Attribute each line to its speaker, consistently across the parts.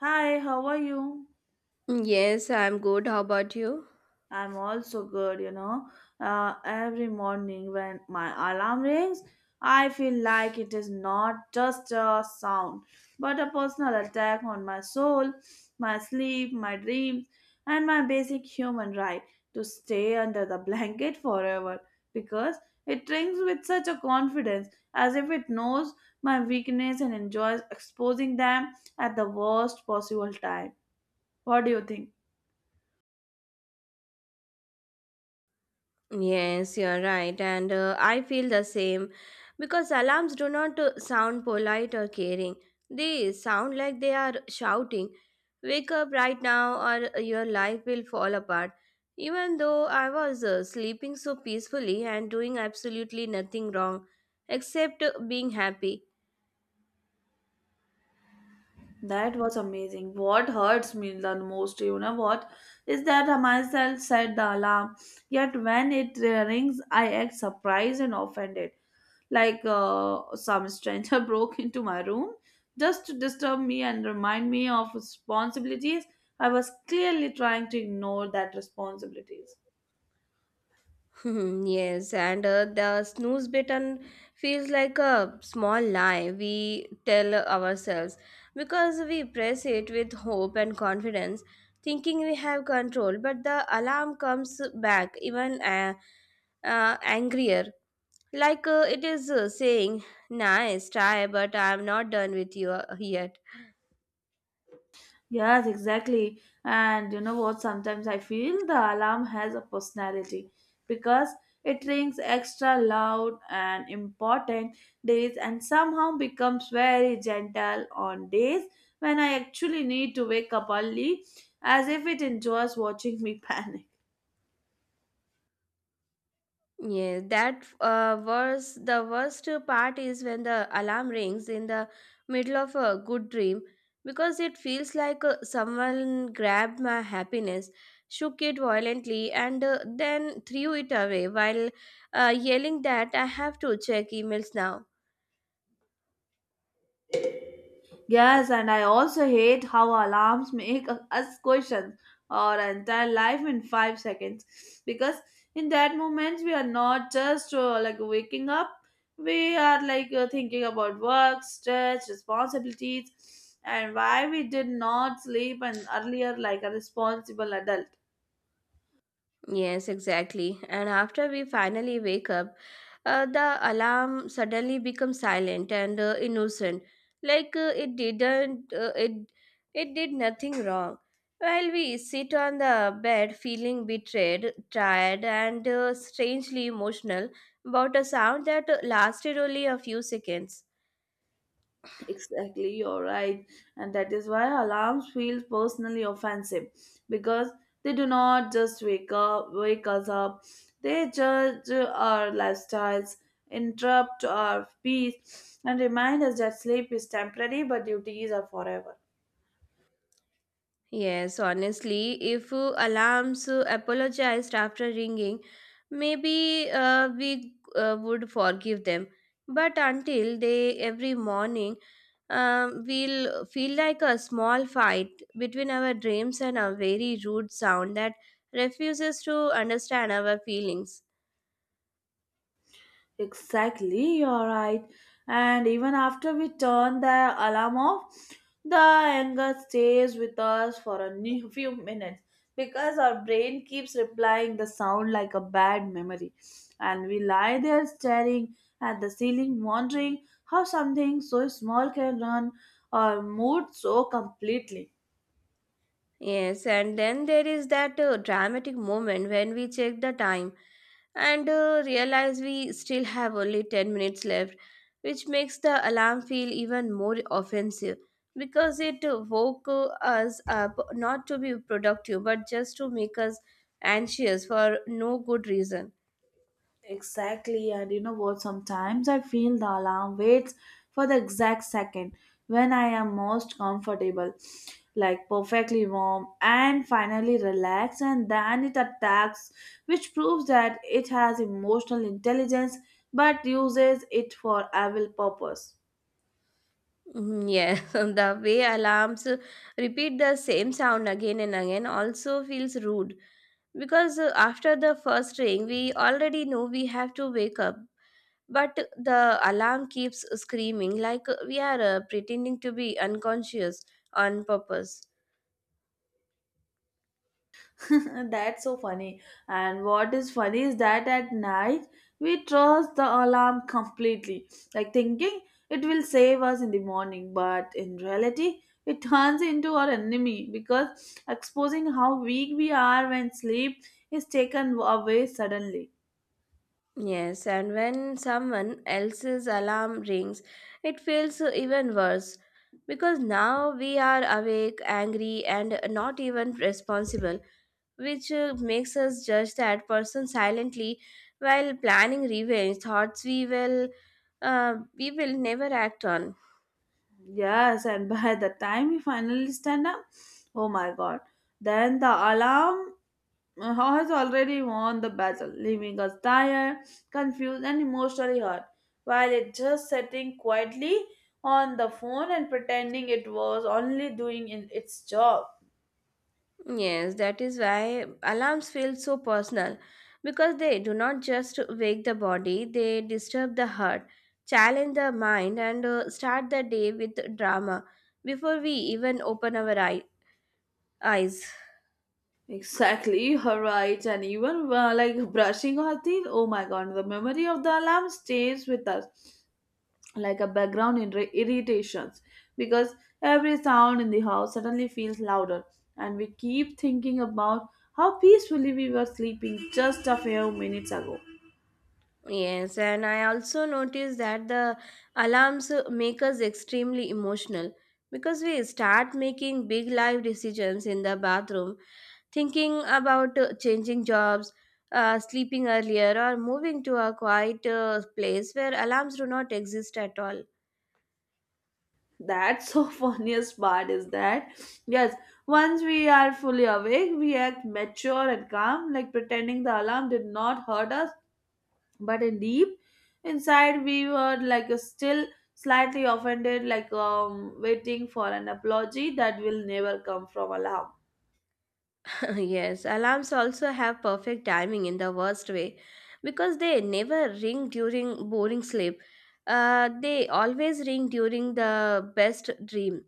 Speaker 1: Hi, how are you?
Speaker 2: Yes, I'm good. How about you?
Speaker 1: I'm also good, you know. Every morning when my alarm rings, I feel like it is not just a sound, but a personal attack on my soul, my sleep, my dreams, and my basic human right to stay under the blanket forever because it rings with such a confidence as if it knows my weakness and enjoys exposing them at the worst possible time. What do you think?
Speaker 2: Yes, you're right. And I feel the same because alarms do not sound polite or caring. They sound like they are shouting, "Wake up right now or your life will fall apart." Even though I was sleeping so peacefully and doing absolutely nothing wrong except being happy.
Speaker 1: That was amazing. What hurts me the most, you know what, is that I myself set the alarm. Yet when it rings, I act surprised and offended, like some stranger broke into my room just to disturb me and remind me of responsibilities. I was clearly trying to ignore that responsibilities.
Speaker 2: Hmm. Yes, and the snooze button feels like a small lie we tell ourselves because we press it with hope and confidence, thinking we have control. But the alarm comes back even angrier, like it is saying, "Nice try, but I am not done with you yet."
Speaker 1: Yes, exactly. And you know what? Sometimes I feel the alarm has a personality because it rings extra loud and important days and somehow becomes very gentle on days when I actually need to wake up early as if it enjoys watching me panic.
Speaker 2: Yeah, that was the worst part is when the alarm rings in the middle of a good dream because it feels like someone grabbed my happiness, shook it violently, and then threw it away while yelling that I have to check emails now.
Speaker 1: Yes, and I also hate how alarms make us question our entire life in 5 seconds because in that moment we are not just like waking up, we are like thinking about work, stress, responsibilities, and why we did not sleep and earlier like a responsible adult.
Speaker 2: Yes, exactly. And after we finally wake up, the alarm suddenly becomes silent and innocent, like it did nothing wrong. While we sit on the bed, feeling betrayed, tired, and strangely emotional about a sound that lasted only a few seconds.
Speaker 1: Exactly, you're right. And that is why alarms feel personally offensive because they do not just wake us up. They judge our lifestyles, interrupt our peace, and remind us that sleep is temporary but duties are forever.
Speaker 2: Yes, honestly, if alarms apologized after ringing, maybe we would forgive them. But until they every morning, we'll feel like a small fight between our dreams and a very rude sound that refuses to understand our feelings.
Speaker 1: Exactly, you're right. And even after we turn the alarm off, the anger stays with us for a few minutes because our brain keeps replying the sound like a bad memory. And we lie there staring at the ceiling, wondering how something so small can run our mood so completely.
Speaker 2: Yes, and then there is that dramatic moment when we check the time and realize we still have only 10 minutes left, which makes the alarm feel even more offensive because it woke us up not to be productive but just to make us anxious for no good reason.
Speaker 1: Exactly, and you know what? Sometimes I feel the alarm waits for the exact second when I am most comfortable, like perfectly warm and finally relaxed, and then it attacks, which proves that it has emotional intelligence but uses it for evil purpose.
Speaker 2: Mhm. Yeah, the way alarms repeat the same sound again and again also feels rude because after the first ring, we already know we have to wake up. But the alarm keeps screaming like we are pretending to be unconscious on purpose.
Speaker 1: That's so funny. And what is funny is that at night we trust the alarm completely, like thinking it will save us in the morning, but in reality, it turns into our enemy because exposing how weak we are when sleep is taken away suddenly.
Speaker 2: Yes, and when someone else's alarm rings, it feels even worse because now we are awake, angry, and not even responsible, which makes us judge that person silently while planning revenge thoughts we will never act on.
Speaker 1: Yes, and by the time we finally stand up, oh my god, then the alarm How has already won the battle, leaving us tired, confused, and emotionally hurt, while it just sitting quietly on the phone and pretending it was only doing in its job.
Speaker 2: Yes, that is why alarms feel so personal because they do not just wake the body, they disturb the heart, challenge the mind, and start the day with drama before we even open our eyes.
Speaker 1: Exactly, her right, and even like brushing her teeth. Oh my god, the memory of the alarm stays with us, like a background irritations because every sound in the house suddenly feels louder and we keep thinking about how peacefully we were sleeping just a few minutes ago.
Speaker 2: Yes, and I also noticed that the alarms make us extremely emotional because we start making big life decisions in the bathroom thinking about changing jobs, sleeping earlier, or moving to a quiet place where alarms do not exist at all.
Speaker 1: That's so funniest part is that, yes, once we are fully awake we act mature and calm like pretending the alarm did not hurt us but in deep inside we were like still slightly offended like waiting for an apology that will never come from alarm.
Speaker 2: Yes, alarms also have perfect timing in the worst way because they never ring during boring sleep. They always ring during the best dream,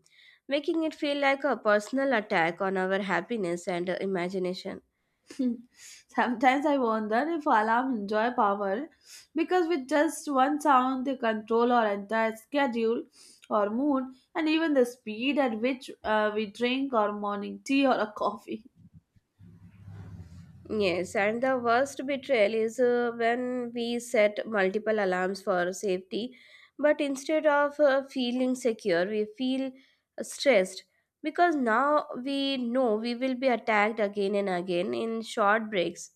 Speaker 2: making it feel like a personal attack on our happiness and imagination.
Speaker 1: Sometimes I wonder if alarm enjoy power because with just one sound they control our entire schedule or mood and even the speed at which we drink our morning tea or a coffee.
Speaker 2: Yes, and the worst betrayal is when we set multiple alarms for safety, but instead of feeling secure, we feel stressed because now we know we will be attacked again and again in short breaks.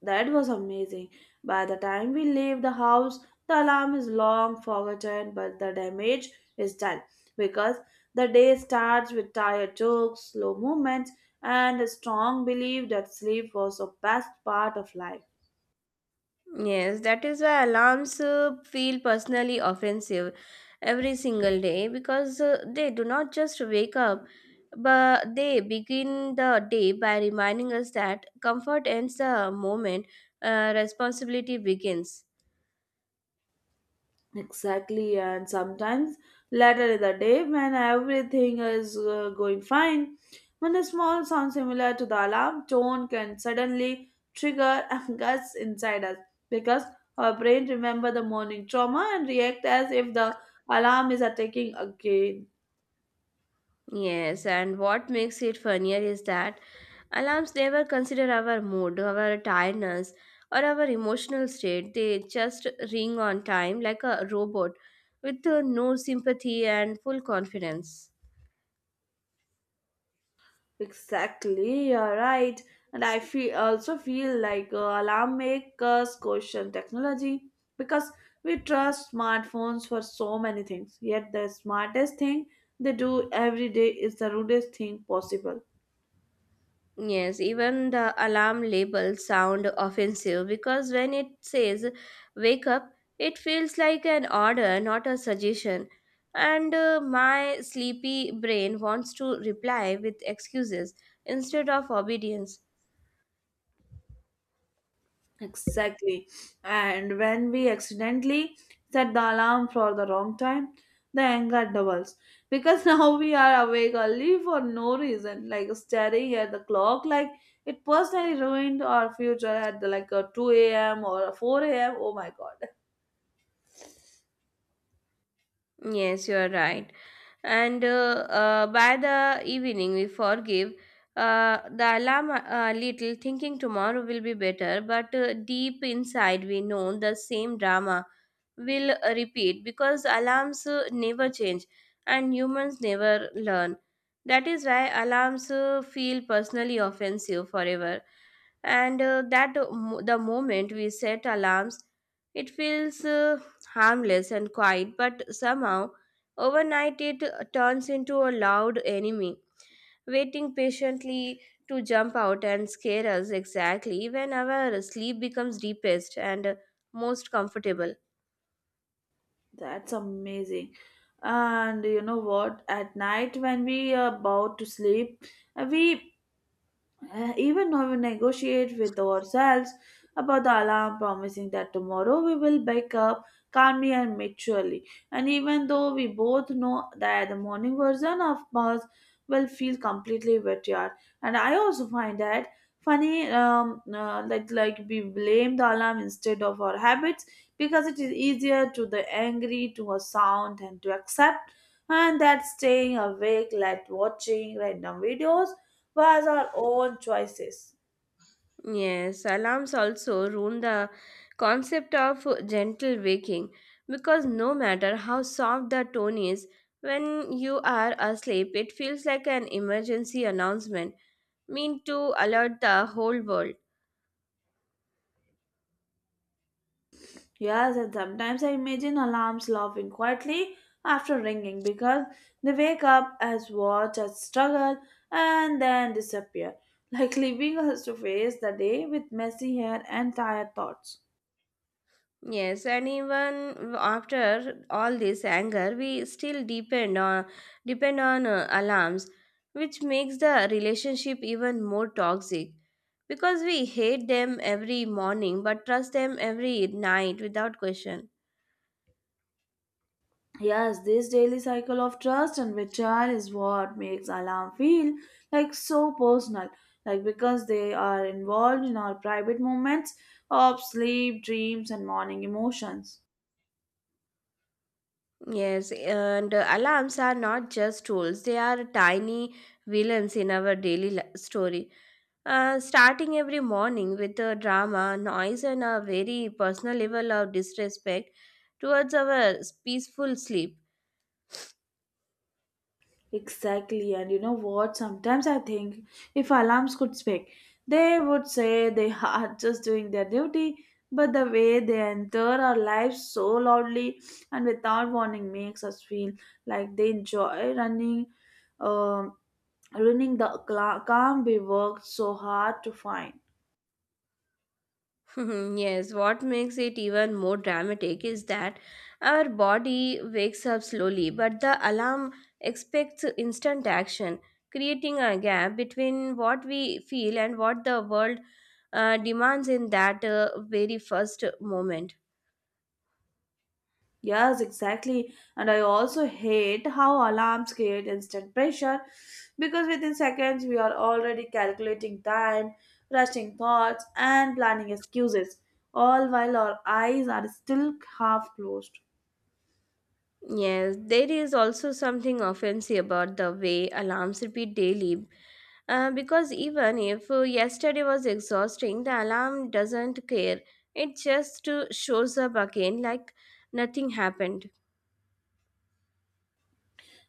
Speaker 1: That was amazing. By the time we leave the house, the alarm is long forgotten, but the damage is done because the day starts with tired jokes, slow movements, and a strong belief that sleep was a best part of life.
Speaker 2: Yes, that is why alarms feel personally offensive every single day because they do not just wake up, but they begin the day by reminding us that comfort ends the moment responsibility begins.
Speaker 1: Exactly, and sometimes later in the day when everything is going fine, when a small sound similar to the alarm tone can suddenly trigger angst inside us because our brain remember the morning trauma and react as if the alarm is attacking again.
Speaker 2: Yes, and what makes it funnier is that alarms never consider our mood, our tiredness, or our emotional state. They just ring on time like a robot with no sympathy and full confidence.
Speaker 1: Exactly, you're right. And I feel also feel like alarm makers question technology because we trust smartphones for so many things. Yet the smartest thing they do every day is the rudest thing possible.
Speaker 2: Yes, even the alarm labels sound offensive because when it says "wake up," it feels like an order, not a suggestion. And my sleepy brain wants to reply with excuses instead of obedience.
Speaker 1: Exactly. And when we accidentally set the alarm for the wrong time, the anger doubles because now we are awake early for no reason, like staring at the clock, like it personally ruined our future at the, like a 2 a.m. or a 4 a.m. Oh my god,
Speaker 2: Yes, you are right. And by the evening we forgive the alarm a little thinking tomorrow will be better but deep inside we know the same drama will repeat because alarms never change and humans never learn. That is why alarms feel personally offensive forever, and the moment we set alarms it feels harmless and quiet but somehow overnight it turns into a loud enemy waiting patiently to jump out and scare us exactly when our sleep becomes deepest and most comfortable.
Speaker 1: that's amazing. And you know what? At night, when we are about to sleep, we even when we negotiate with ourselves about the alarm promising that tomorrow we will wake up calmly and maturely and even though we both know that the morning version of us will feel completely betrayed and I also find that funny like we blame the alarm instead of our habits because it is easier to the angry to a sound and to accept and that staying awake like watching random videos was our own choices.
Speaker 2: Yes, alarms also ruin the concept of gentle waking because no matter how soft the tone is, when you are asleep, it feels like an emergency announcement meant to alert the whole world.
Speaker 1: Yes, and sometimes I imagine alarms laughing quietly after ringing because they wake up as watch as struggle and then disappear, like leaving us to face the day with messy hair and tired thoughts.
Speaker 2: Yes, and even after all this anger, we still depend on alarms, which makes the relationship even more toxic because we hate them every morning but trust them every night without question.
Speaker 1: Yes, this daily cycle of trust and betrayal is what makes alarm feel like so personal, like because they are involved in our private moments of sleep, dreams, and morning emotions.
Speaker 2: Yes, and alarms are not just tools, they are tiny villains in our daily story. Starting every morning with a drama, noise, and a very personal level of disrespect towards our peaceful sleep.
Speaker 1: Exactly. And you know what? Sometimes I think if alarms could speak, they would say they are just doing their duty. But the way they enter our lives so loudly and without warning makes us feel like they enjoy running, um, running the calm we worked so hard to find.
Speaker 2: Mhm. Yes, what makes it even more dramatic is that our body wakes up slowly, but the alarm expects instant action, creating a gap between what we feel and what the world demands in that very first moment.
Speaker 1: Yes, exactly. And I also hate how alarms create instant pressure because within seconds we are already calculating time, rushing thoughts, and planning excuses, all while our eyes are still half closed.
Speaker 2: Yes, there is also something offensive about the way alarms repeat daily. Because even if yesterday was exhausting, the alarm doesn't care. It just shows up again like nothing happened.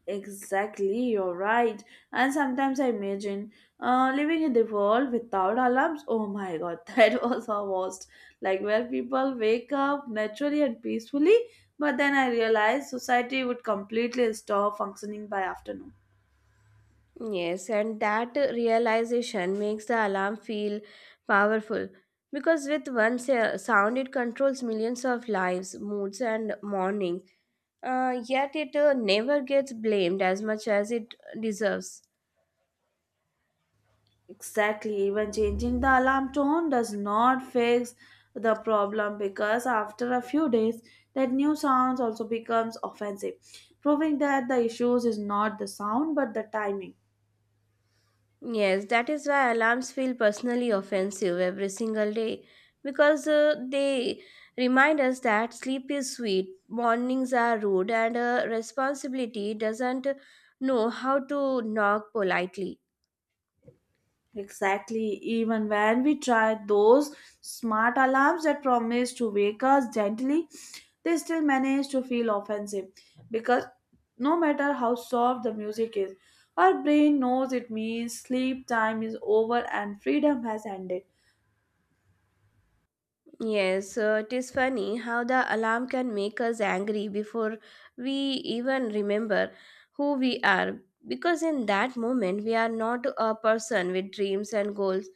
Speaker 1: Exactly, you're right. And sometimes I imagine living in the world without alarms. Oh my god, that was a worst. Like where people wake up naturally and peacefully, but then I realized society would completely stop functioning by afternoon.
Speaker 2: Yes, and that realization makes the alarm feel powerful because with one sound it controls millions of lives, moods, and mornings. Yet it never gets blamed as much as it deserves.
Speaker 1: Exactly, even changing the alarm tone does not fix the problem because after a few days, that new sounds also becomes offensive, proving that the issues is not the sound but the timing.
Speaker 2: Yes, that is why alarms feel personally offensive every single day because they remind us that sleep is sweet, mornings are rude, and responsibility doesn't know how to knock politely.
Speaker 1: Exactly. Even when we tried those smart alarms that promised to wake us gently, they still managed to feel offensive because no matter how soft the music is, our brain knows it means sleep time is over and freedom has ended.
Speaker 2: Yes, it is funny how the alarm can make us angry before we even remember who we are. Because in that moment, we are not a person with dreams and goals.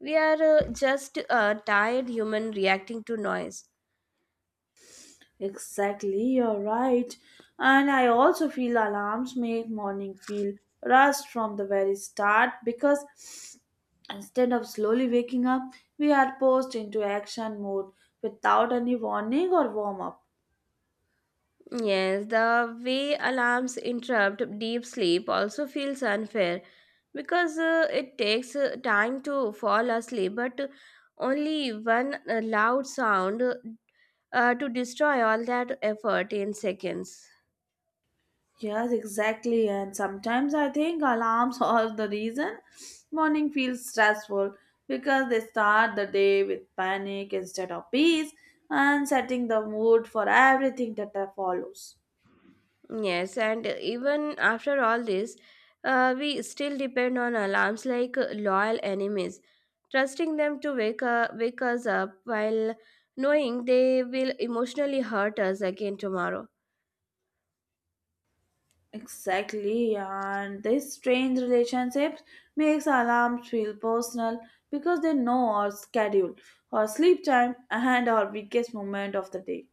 Speaker 2: We are just a tired human reacting to noise.
Speaker 1: Exactly, you're right. And I also feel alarms make morning feel rushed from the very start because instead of slowly waking up, we are forced into action mode without any warning or warm up.
Speaker 2: Yes, the way alarms interrupt deep sleep also feels unfair because it takes time to fall asleep, but only one loud sound to destroy all that effort in seconds.
Speaker 1: Yes, exactly. And sometimes I think alarms are the reason morning feels stressful because they start the day with panic instead of peace and setting the mood for everything that follows.
Speaker 2: Yes, and even after all this, we still depend on alarms like loyal enemies, trusting them to wake us up while knowing they will emotionally hurt us again tomorrow.
Speaker 1: Exactly, and this strange relationships makes alarms feel personal because they know our schedule, our sleep time, and our weakest moment of the day.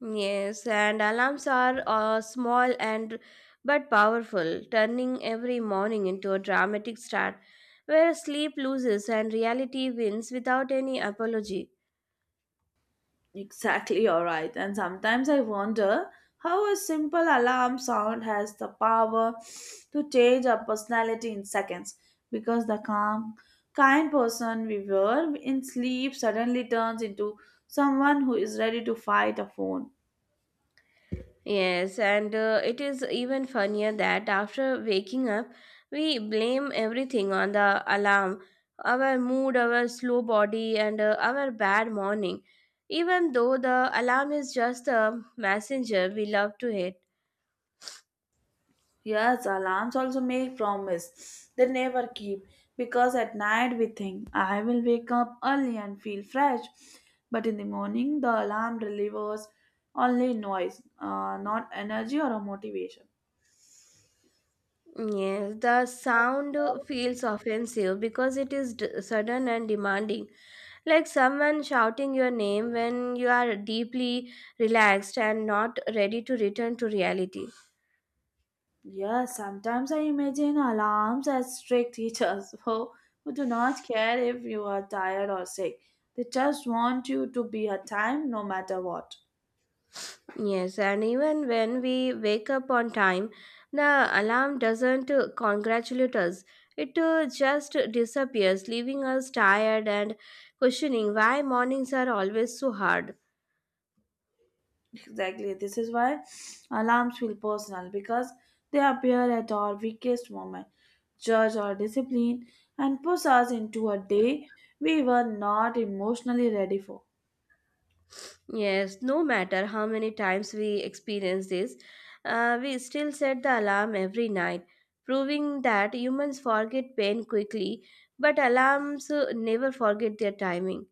Speaker 2: Yes, and alarms are small and but powerful, turning every morning into a dramatic start where sleep loses and reality wins without any apology.
Speaker 1: Exactly, alright. And sometimes I wonder how a simple alarm sound has the power to change our personality in seconds because the calm, kind person we were in sleep suddenly turns into someone who is ready to fight a phone.
Speaker 2: Yes, and it is even funnier that after waking up, we blame everything on the alarm, our mood, our slow body, and our bad morning, even though the alarm is just a messenger we love to hit.
Speaker 1: Yes, alarms also make promise they never keep because at night we think I will wake up early and feel fresh, but in the morning the alarm delivers only noise, not energy or a motivation.
Speaker 2: Yes, the sound feels offensive because it is sudden and demanding, like someone shouting your name when you are deeply relaxed and not ready to return to reality.
Speaker 1: Yes, sometimes I imagine alarms as strict teachers who do not care if you are tired or sick. They just want you to be at time no matter what.
Speaker 2: Yes, and even when we wake up on time, the alarm doesn't congratulate us. It just disappears, leaving us tired and questioning why mornings are always so hard.
Speaker 1: Exactly. This is why alarms feel personal because they appear at our weakest moment, judge our discipline, and push us into a day we were not emotionally ready for.
Speaker 2: Yes, no matter how many times we experience this, we still set the alarm every night, proving that humans forget pain quickly, but alarms never forget their timing.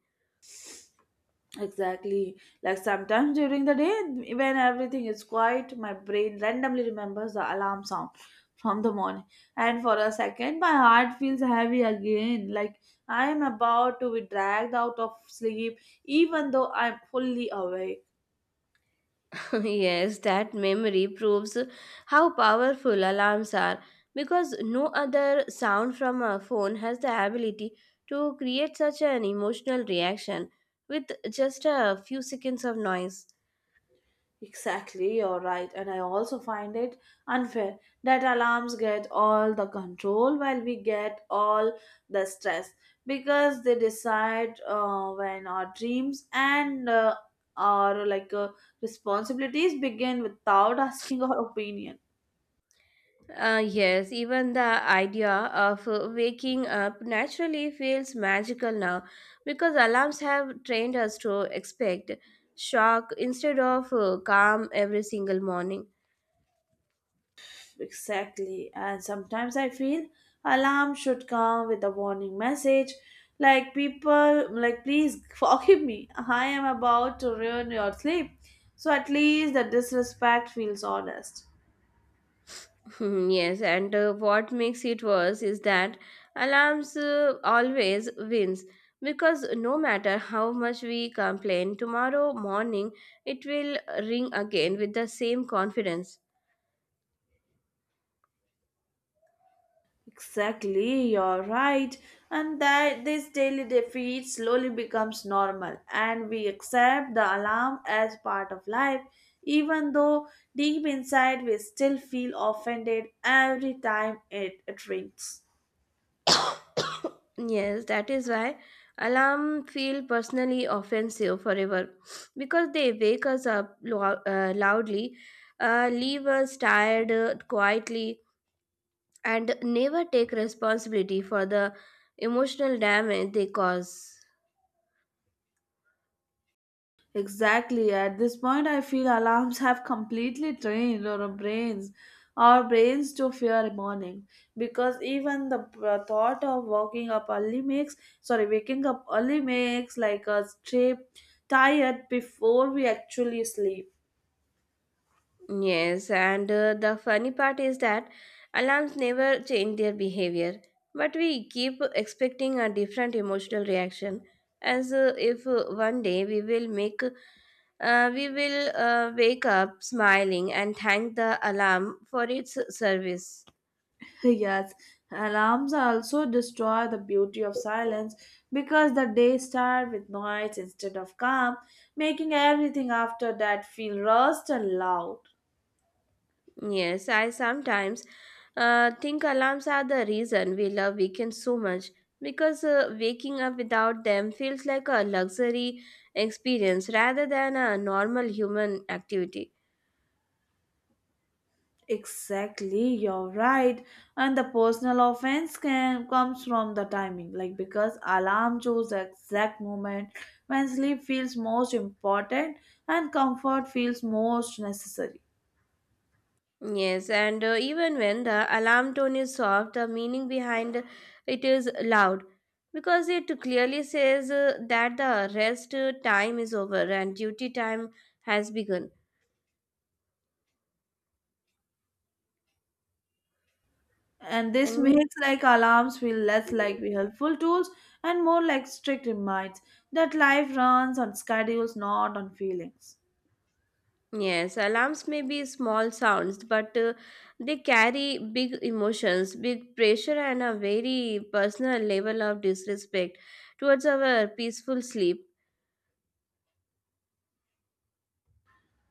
Speaker 1: Exactly. Like sometimes during the day, when everything is quiet, my brain randomly remembers the alarm sound from the morning. And for a second, my heart feels heavy again, like I am about to be dragged out of sleep, even though I'm fully awake.
Speaker 2: Yes, that memory proves how powerful alarms are because no other sound from a phone has the ability to create such an emotional reaction with just a few seconds of noise.
Speaker 1: Exactly, you're right. And I also find it unfair that alarms get all the control while we get all the stress because they decide when our dreams and our like responsibilities begin without asking our opinion.
Speaker 2: Yes, even the idea of waking up naturally feels magical now because alarms have trained us to expect shock instead of calm every single morning.
Speaker 1: Exactly. And sometimes I feel alarm should come with a warning message like people like please forgive me. I am about to ruin your sleep. So at least the disrespect feels honest.
Speaker 2: Hmm. Yes, and what makes it worse is that alarms always wins because no matter how much we complain, tomorrow morning it will ring again with the same confidence.
Speaker 1: Exactly, you're right. And that this daily defeat slowly becomes normal and we accept the alarm as part of life even though deep inside we still feel offended every time it rings.
Speaker 2: Yes, that is why alarm feel personally offensive forever because they wake us up loudly, leave us tired quietly, and never take responsibility for the emotional damage they cause.
Speaker 1: Exactly. At this point, I feel alarms have completely trained our brains to fear morning, because even the thought of waking up early makes, sorry, waking up early makes like us trip tired before we actually sleep.
Speaker 2: Yes, and the funny part is that alarms never change their behavior, but we keep expecting a different emotional reaction as if one day we will wake up smiling and thank the alarm for its service.
Speaker 1: Yes, alarms also destroy the beauty of silence because the day start with noise instead of calm, making everything after that feel rushed and loud.
Speaker 2: Yes, I sometimes think alarms are the reason we love weekends so much because waking up without them feels like a luxury experience rather than a normal human activity.
Speaker 1: Exactly, you're right. And the personal offense can comes from the timing, like because alarm shows the exact moment when sleep feels most important and comfort feels most necessary.
Speaker 2: Yes, and even when the alarm tone is soft, the meaning behind it is loud because it clearly says that the rest time is over and duty time has begun.
Speaker 1: And this
Speaker 2: And
Speaker 1: makes like alarms feel less like helpful tools and more like strict reminders that life runs on schedules, not on feelings.
Speaker 2: yes, alarms may be small sounds, but they carry big emotions, big pressure, and a very personal level of disrespect towards our peaceful sleep.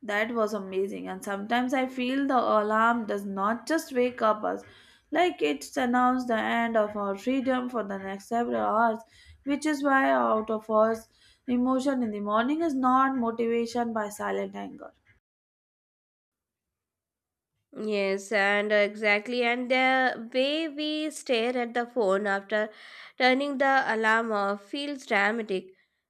Speaker 1: That was amazing. And sometimes I feel the alarm does not just wake up us, like it's announced the end of our freedom for the next several hours, which is why out of us emotion in the morning is not motivation by silent anger.
Speaker 2: Yes, and exactly. And the way we stare at the phone after turning the alarm off feels dramatic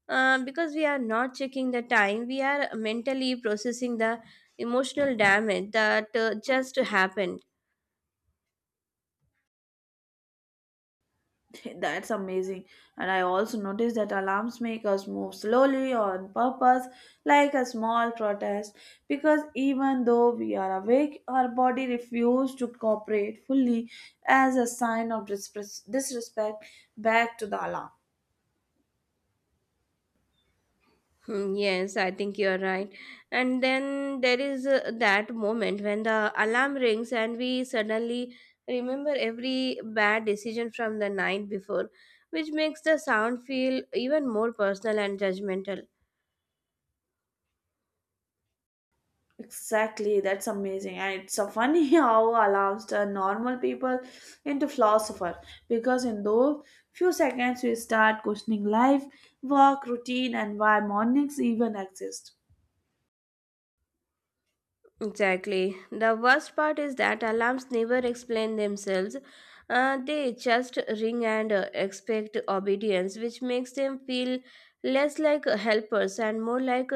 Speaker 2: because we are not checking the time, we are mentally processing the emotional damage that just happened.
Speaker 1: That's amazing. And I also noticed that alarms make us move slowly on purpose, like a small protest, because even though we are awake, our body refuses to cooperate fully as a sign of disrespect back to the alarm.
Speaker 2: Hmm, yes, I think you're right. And then there is that moment when the alarm rings and we suddenly remember every bad decision from the night before, which makes the sound feel even more personal and judgmental.
Speaker 1: Exactly, that's amazing. And it's so funny how alarms turn normal people into philosophers because in those few seconds we start questioning life, work, routine, and why mornings even exist.
Speaker 2: Exactly. The worst part is that alarms never explain themselves. They just ring and expect obedience, which makes them feel less like helpers and more like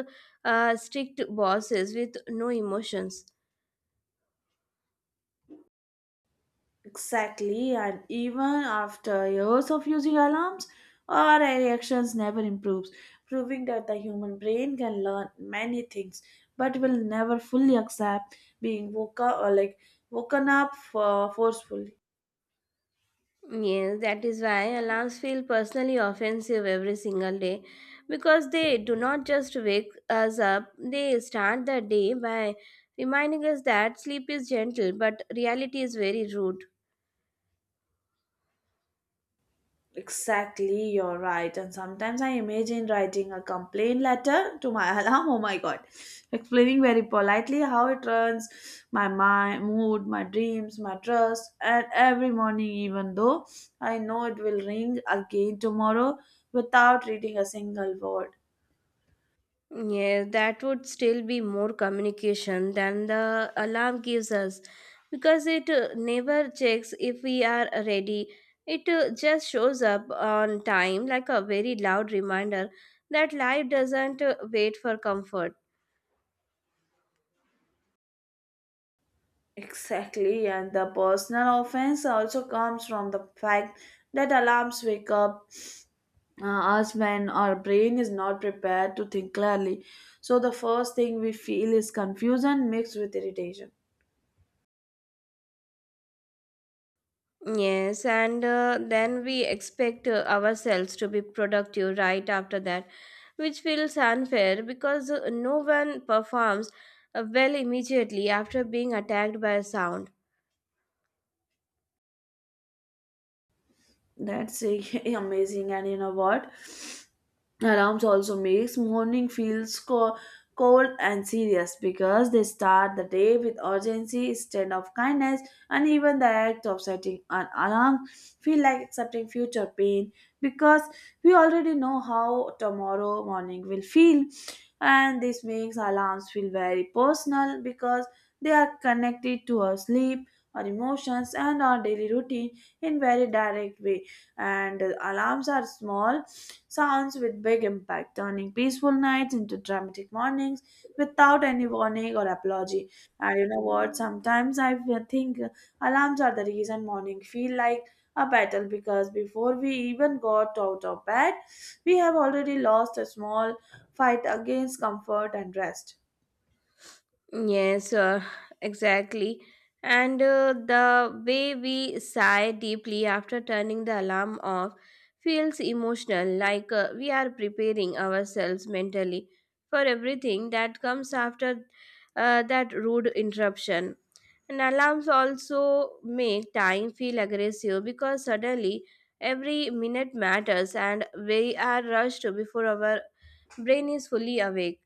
Speaker 2: strict bosses with no emotions.
Speaker 1: Exactly, and even after years of using alarms, our reactions never improves, proving that the human brain can learn many things, but will never fully accept being woken or like woken up forcefully.
Speaker 2: Yes, that is why alarms feel personally offensive every single day because they do not just wake us up, they start the day by reminding us that sleep is gentle but reality is very rude.
Speaker 1: Exactly, you're right. And sometimes I imagine writing a complaint letter to my alarm. Oh my god. Explaining very politely how it runs my mind, mood, my dreams, my trust, and every morning, even though I know it will ring again tomorrow without reading a single word.
Speaker 2: Yeah, that would still be more communication than the alarm gives us because it never checks if we are ready. It just shows up on time like a very loud reminder that life doesn't wait for comfort.
Speaker 1: Exactly, and the personal offense also comes from the fact that alarms wake up us when our brain is not prepared to think clearly. So the first thing we feel is confusion mixed with irritation.
Speaker 2: Yes, and then we expect ourselves to be productive right after that, which feels unfair because no one performs well immediately after being attacked by a sound.
Speaker 1: That's amazing, and you know what? Alarms also makes morning feels cold and serious because they start the day with urgency instead of kindness, and even the act of setting an alarm feel like accepting future pain because we already know how tomorrow morning will feel, and this makes alarms feel very personal because they are connected to our sleep, our emotions, and our daily routine in very direct way, and alarms are small sounds with big impact, turning peaceful nights into dramatic mornings without any warning or apology. And you know what? Sometimes I think alarms are the reason morning feel like a battle because before we even got out of bed, we have already lost a small fight against comfort and rest.
Speaker 2: Yes, exactly. And the way we sigh deeply after turning the alarm off feels emotional, like we are preparing ourselves mentally for everything that comes after that rude interruption. And alarms also make time feel aggressive because suddenly every minute matters and we are rushed before our brain is fully awake.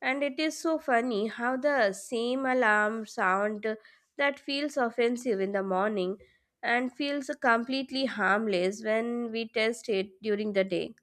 Speaker 2: And it is so funny how the same alarm sound that feels offensive in the morning and feels completely harmless when we test it during the day.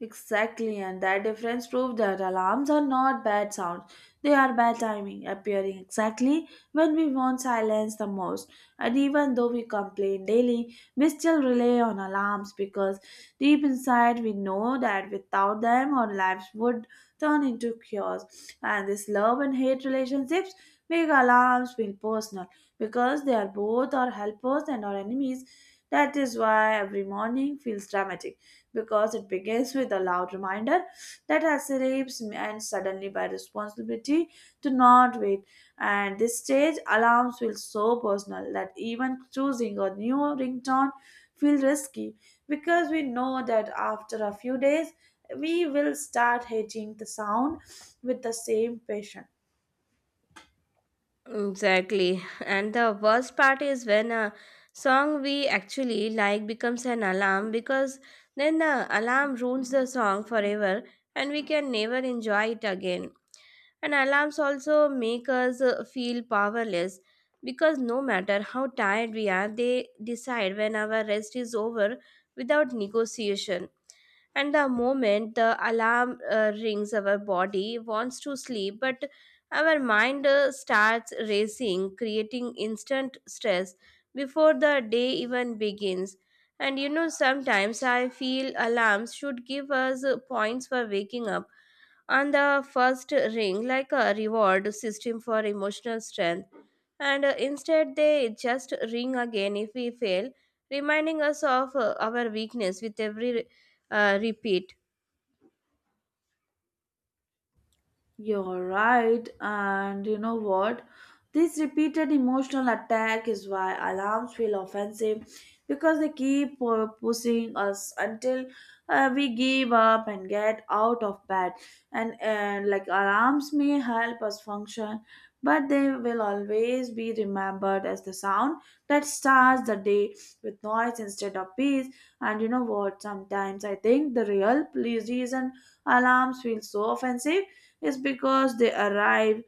Speaker 1: Exactly, and that difference proves that alarms are not bad sounds. They are bad timing, appearing exactly when we want silence the most. And even though we complain daily, we still rely on alarms because deep inside we know that without them our lives would turn into chaos. And this love and hate relationships make alarms feel personal because they are both our helpers and our enemies. That is why every morning feels dramatic because it begins with a loud reminder that I me and suddenly by responsibility to not wait. And this stage alarms feel so personal that even choosing a new ringtone feels risky because we know that after a few days we will start hating the sound with the same passion.
Speaker 2: Exactly. And the worst part is when a song we actually like becomes an alarm because then the alarm ruins the song forever and we can never enjoy it again. And alarms also make us feel powerless because no matter how tired we are, they decide when our rest is over without negotiation. And the moment the alarm rings, our body wants to sleep, but our mind starts racing, creating instant stress before the day even begins. And you know, sometimes I feel alarms should give us points for waking up and the first ring like a reward system for emotional strength, and instead they just ring again if we fail, reminding us of our weakness with every repeat.
Speaker 1: You're right, and you know what? This repeated emotional attack is why alarms feel offensive because they keep pushing us until we give up and get out of bed. And like alarms may help us function, but they will always be remembered as the sound that starts the day with noise instead of peace. And you know what? Sometimes I think the real reason alarms feel so offensive is because they arrive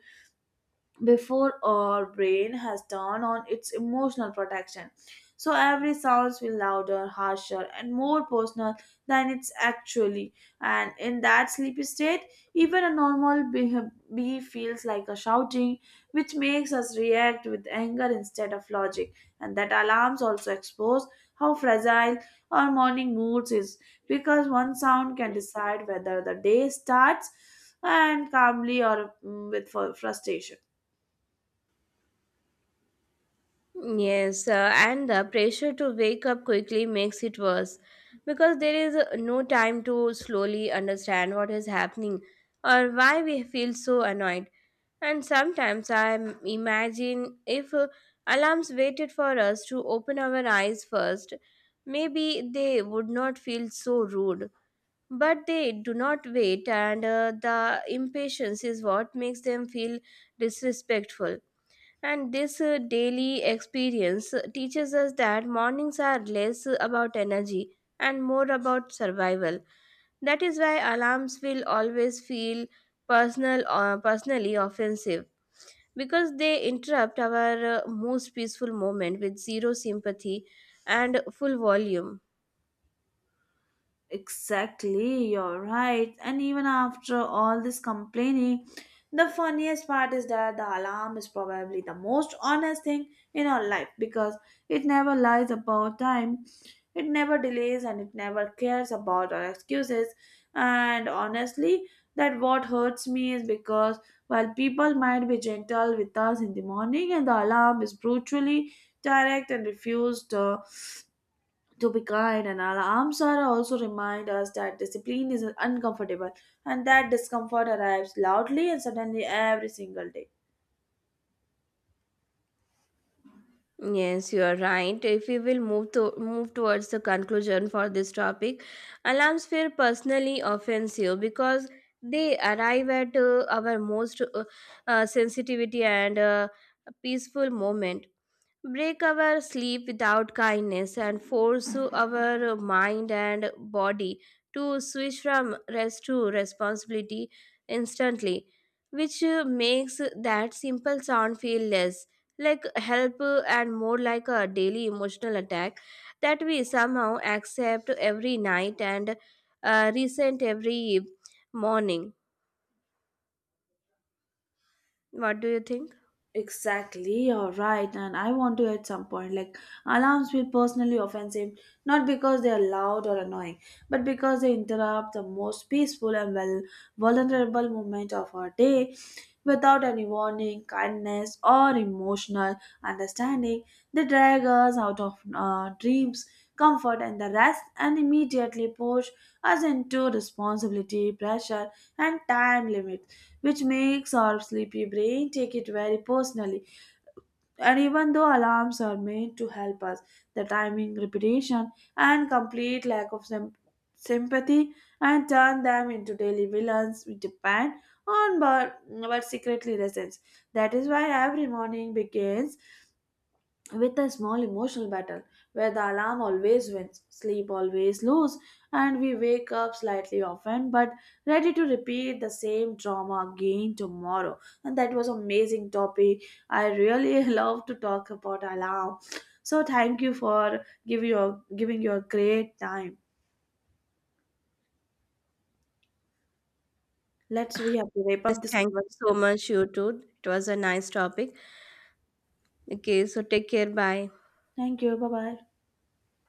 Speaker 1: before our brain has turned on its emotional protection. So every sound will louder, harsher, and more personal than it's actually. And in that sleepy state, even a normal bee feels like a shouting, which makes us react with anger instead of logic. And that alarms also expose how fragile our morning moods is, because one sound can decide whether the day starts and calmly or with frustration.
Speaker 2: Yes, and the pressure to wake up quickly makes it worse because there is no time to slowly understand what is happening or why we feel so annoyed. And sometimes imagine if alarms waited for us to open our eyes first, maybe they would not feel so rude. But they do not wait, and the impatience is what makes them feel disrespectful. And this daily experience teaches us that mornings are less about energy and more about survival. That is why alarms will always feel personally offensive because they interrupt our most peaceful moment with zero sympathy and full volume.
Speaker 1: Exactly, you're right. And even after all this complaining, the funniest part is that the alarm is probably the most honest thing in our life because it never lies about time, it never delays, and it never cares about our excuses. And honestly, that what hurts me is because while people might be gentle with us in the morning, and the alarm is brutally direct and refused to be kind and all. Amsara also remind us that discipline is uncomfortable and that discomfort arrives loudly and suddenly every single day.
Speaker 2: Yes, you are right. If we will move towards the conclusion for this topic, alarms feel personally offensive because they arrive at our most sensitivity and peaceful moment, break our sleep without kindness and force our mind and body to switch from rest to responsibility instantly, which makes that simple sound feel less like help, and more like a daily emotional attack that we somehow accept every night and resent every morning. What do you think?
Speaker 1: Exactly, you're right, and I want to at some point like alarms feel personally offensive not because they are loud or annoying, but because they interrupt the most peaceful and well vulnerable moment of our day without any warning, kindness, or emotional understanding. They drag us out of dreams, comfort, and the rest, and immediately push us into responsibility, pressure, and time limits, which makes our sleepy brain take it very personally, and even though alarms are made to help us, the timing, repetition, and complete lack of sympathy and turn them into daily villains we depend on but secretly resents. That is why every morning begins with a small emotional battle where the alarm always wins, sleep always lose, and we wake up slightly often but ready to repeat the same drama again tomorrow. And that was amazing topic. I really love to talk about alarm. So thank you for giving your great time. Let's we have to wrap
Speaker 2: Yes,
Speaker 1: up this
Speaker 2: thank you so
Speaker 1: conversation.
Speaker 2: much, you too. It was a nice topic. Okay, so take care. Bye.
Speaker 1: Thank you. Bye bye.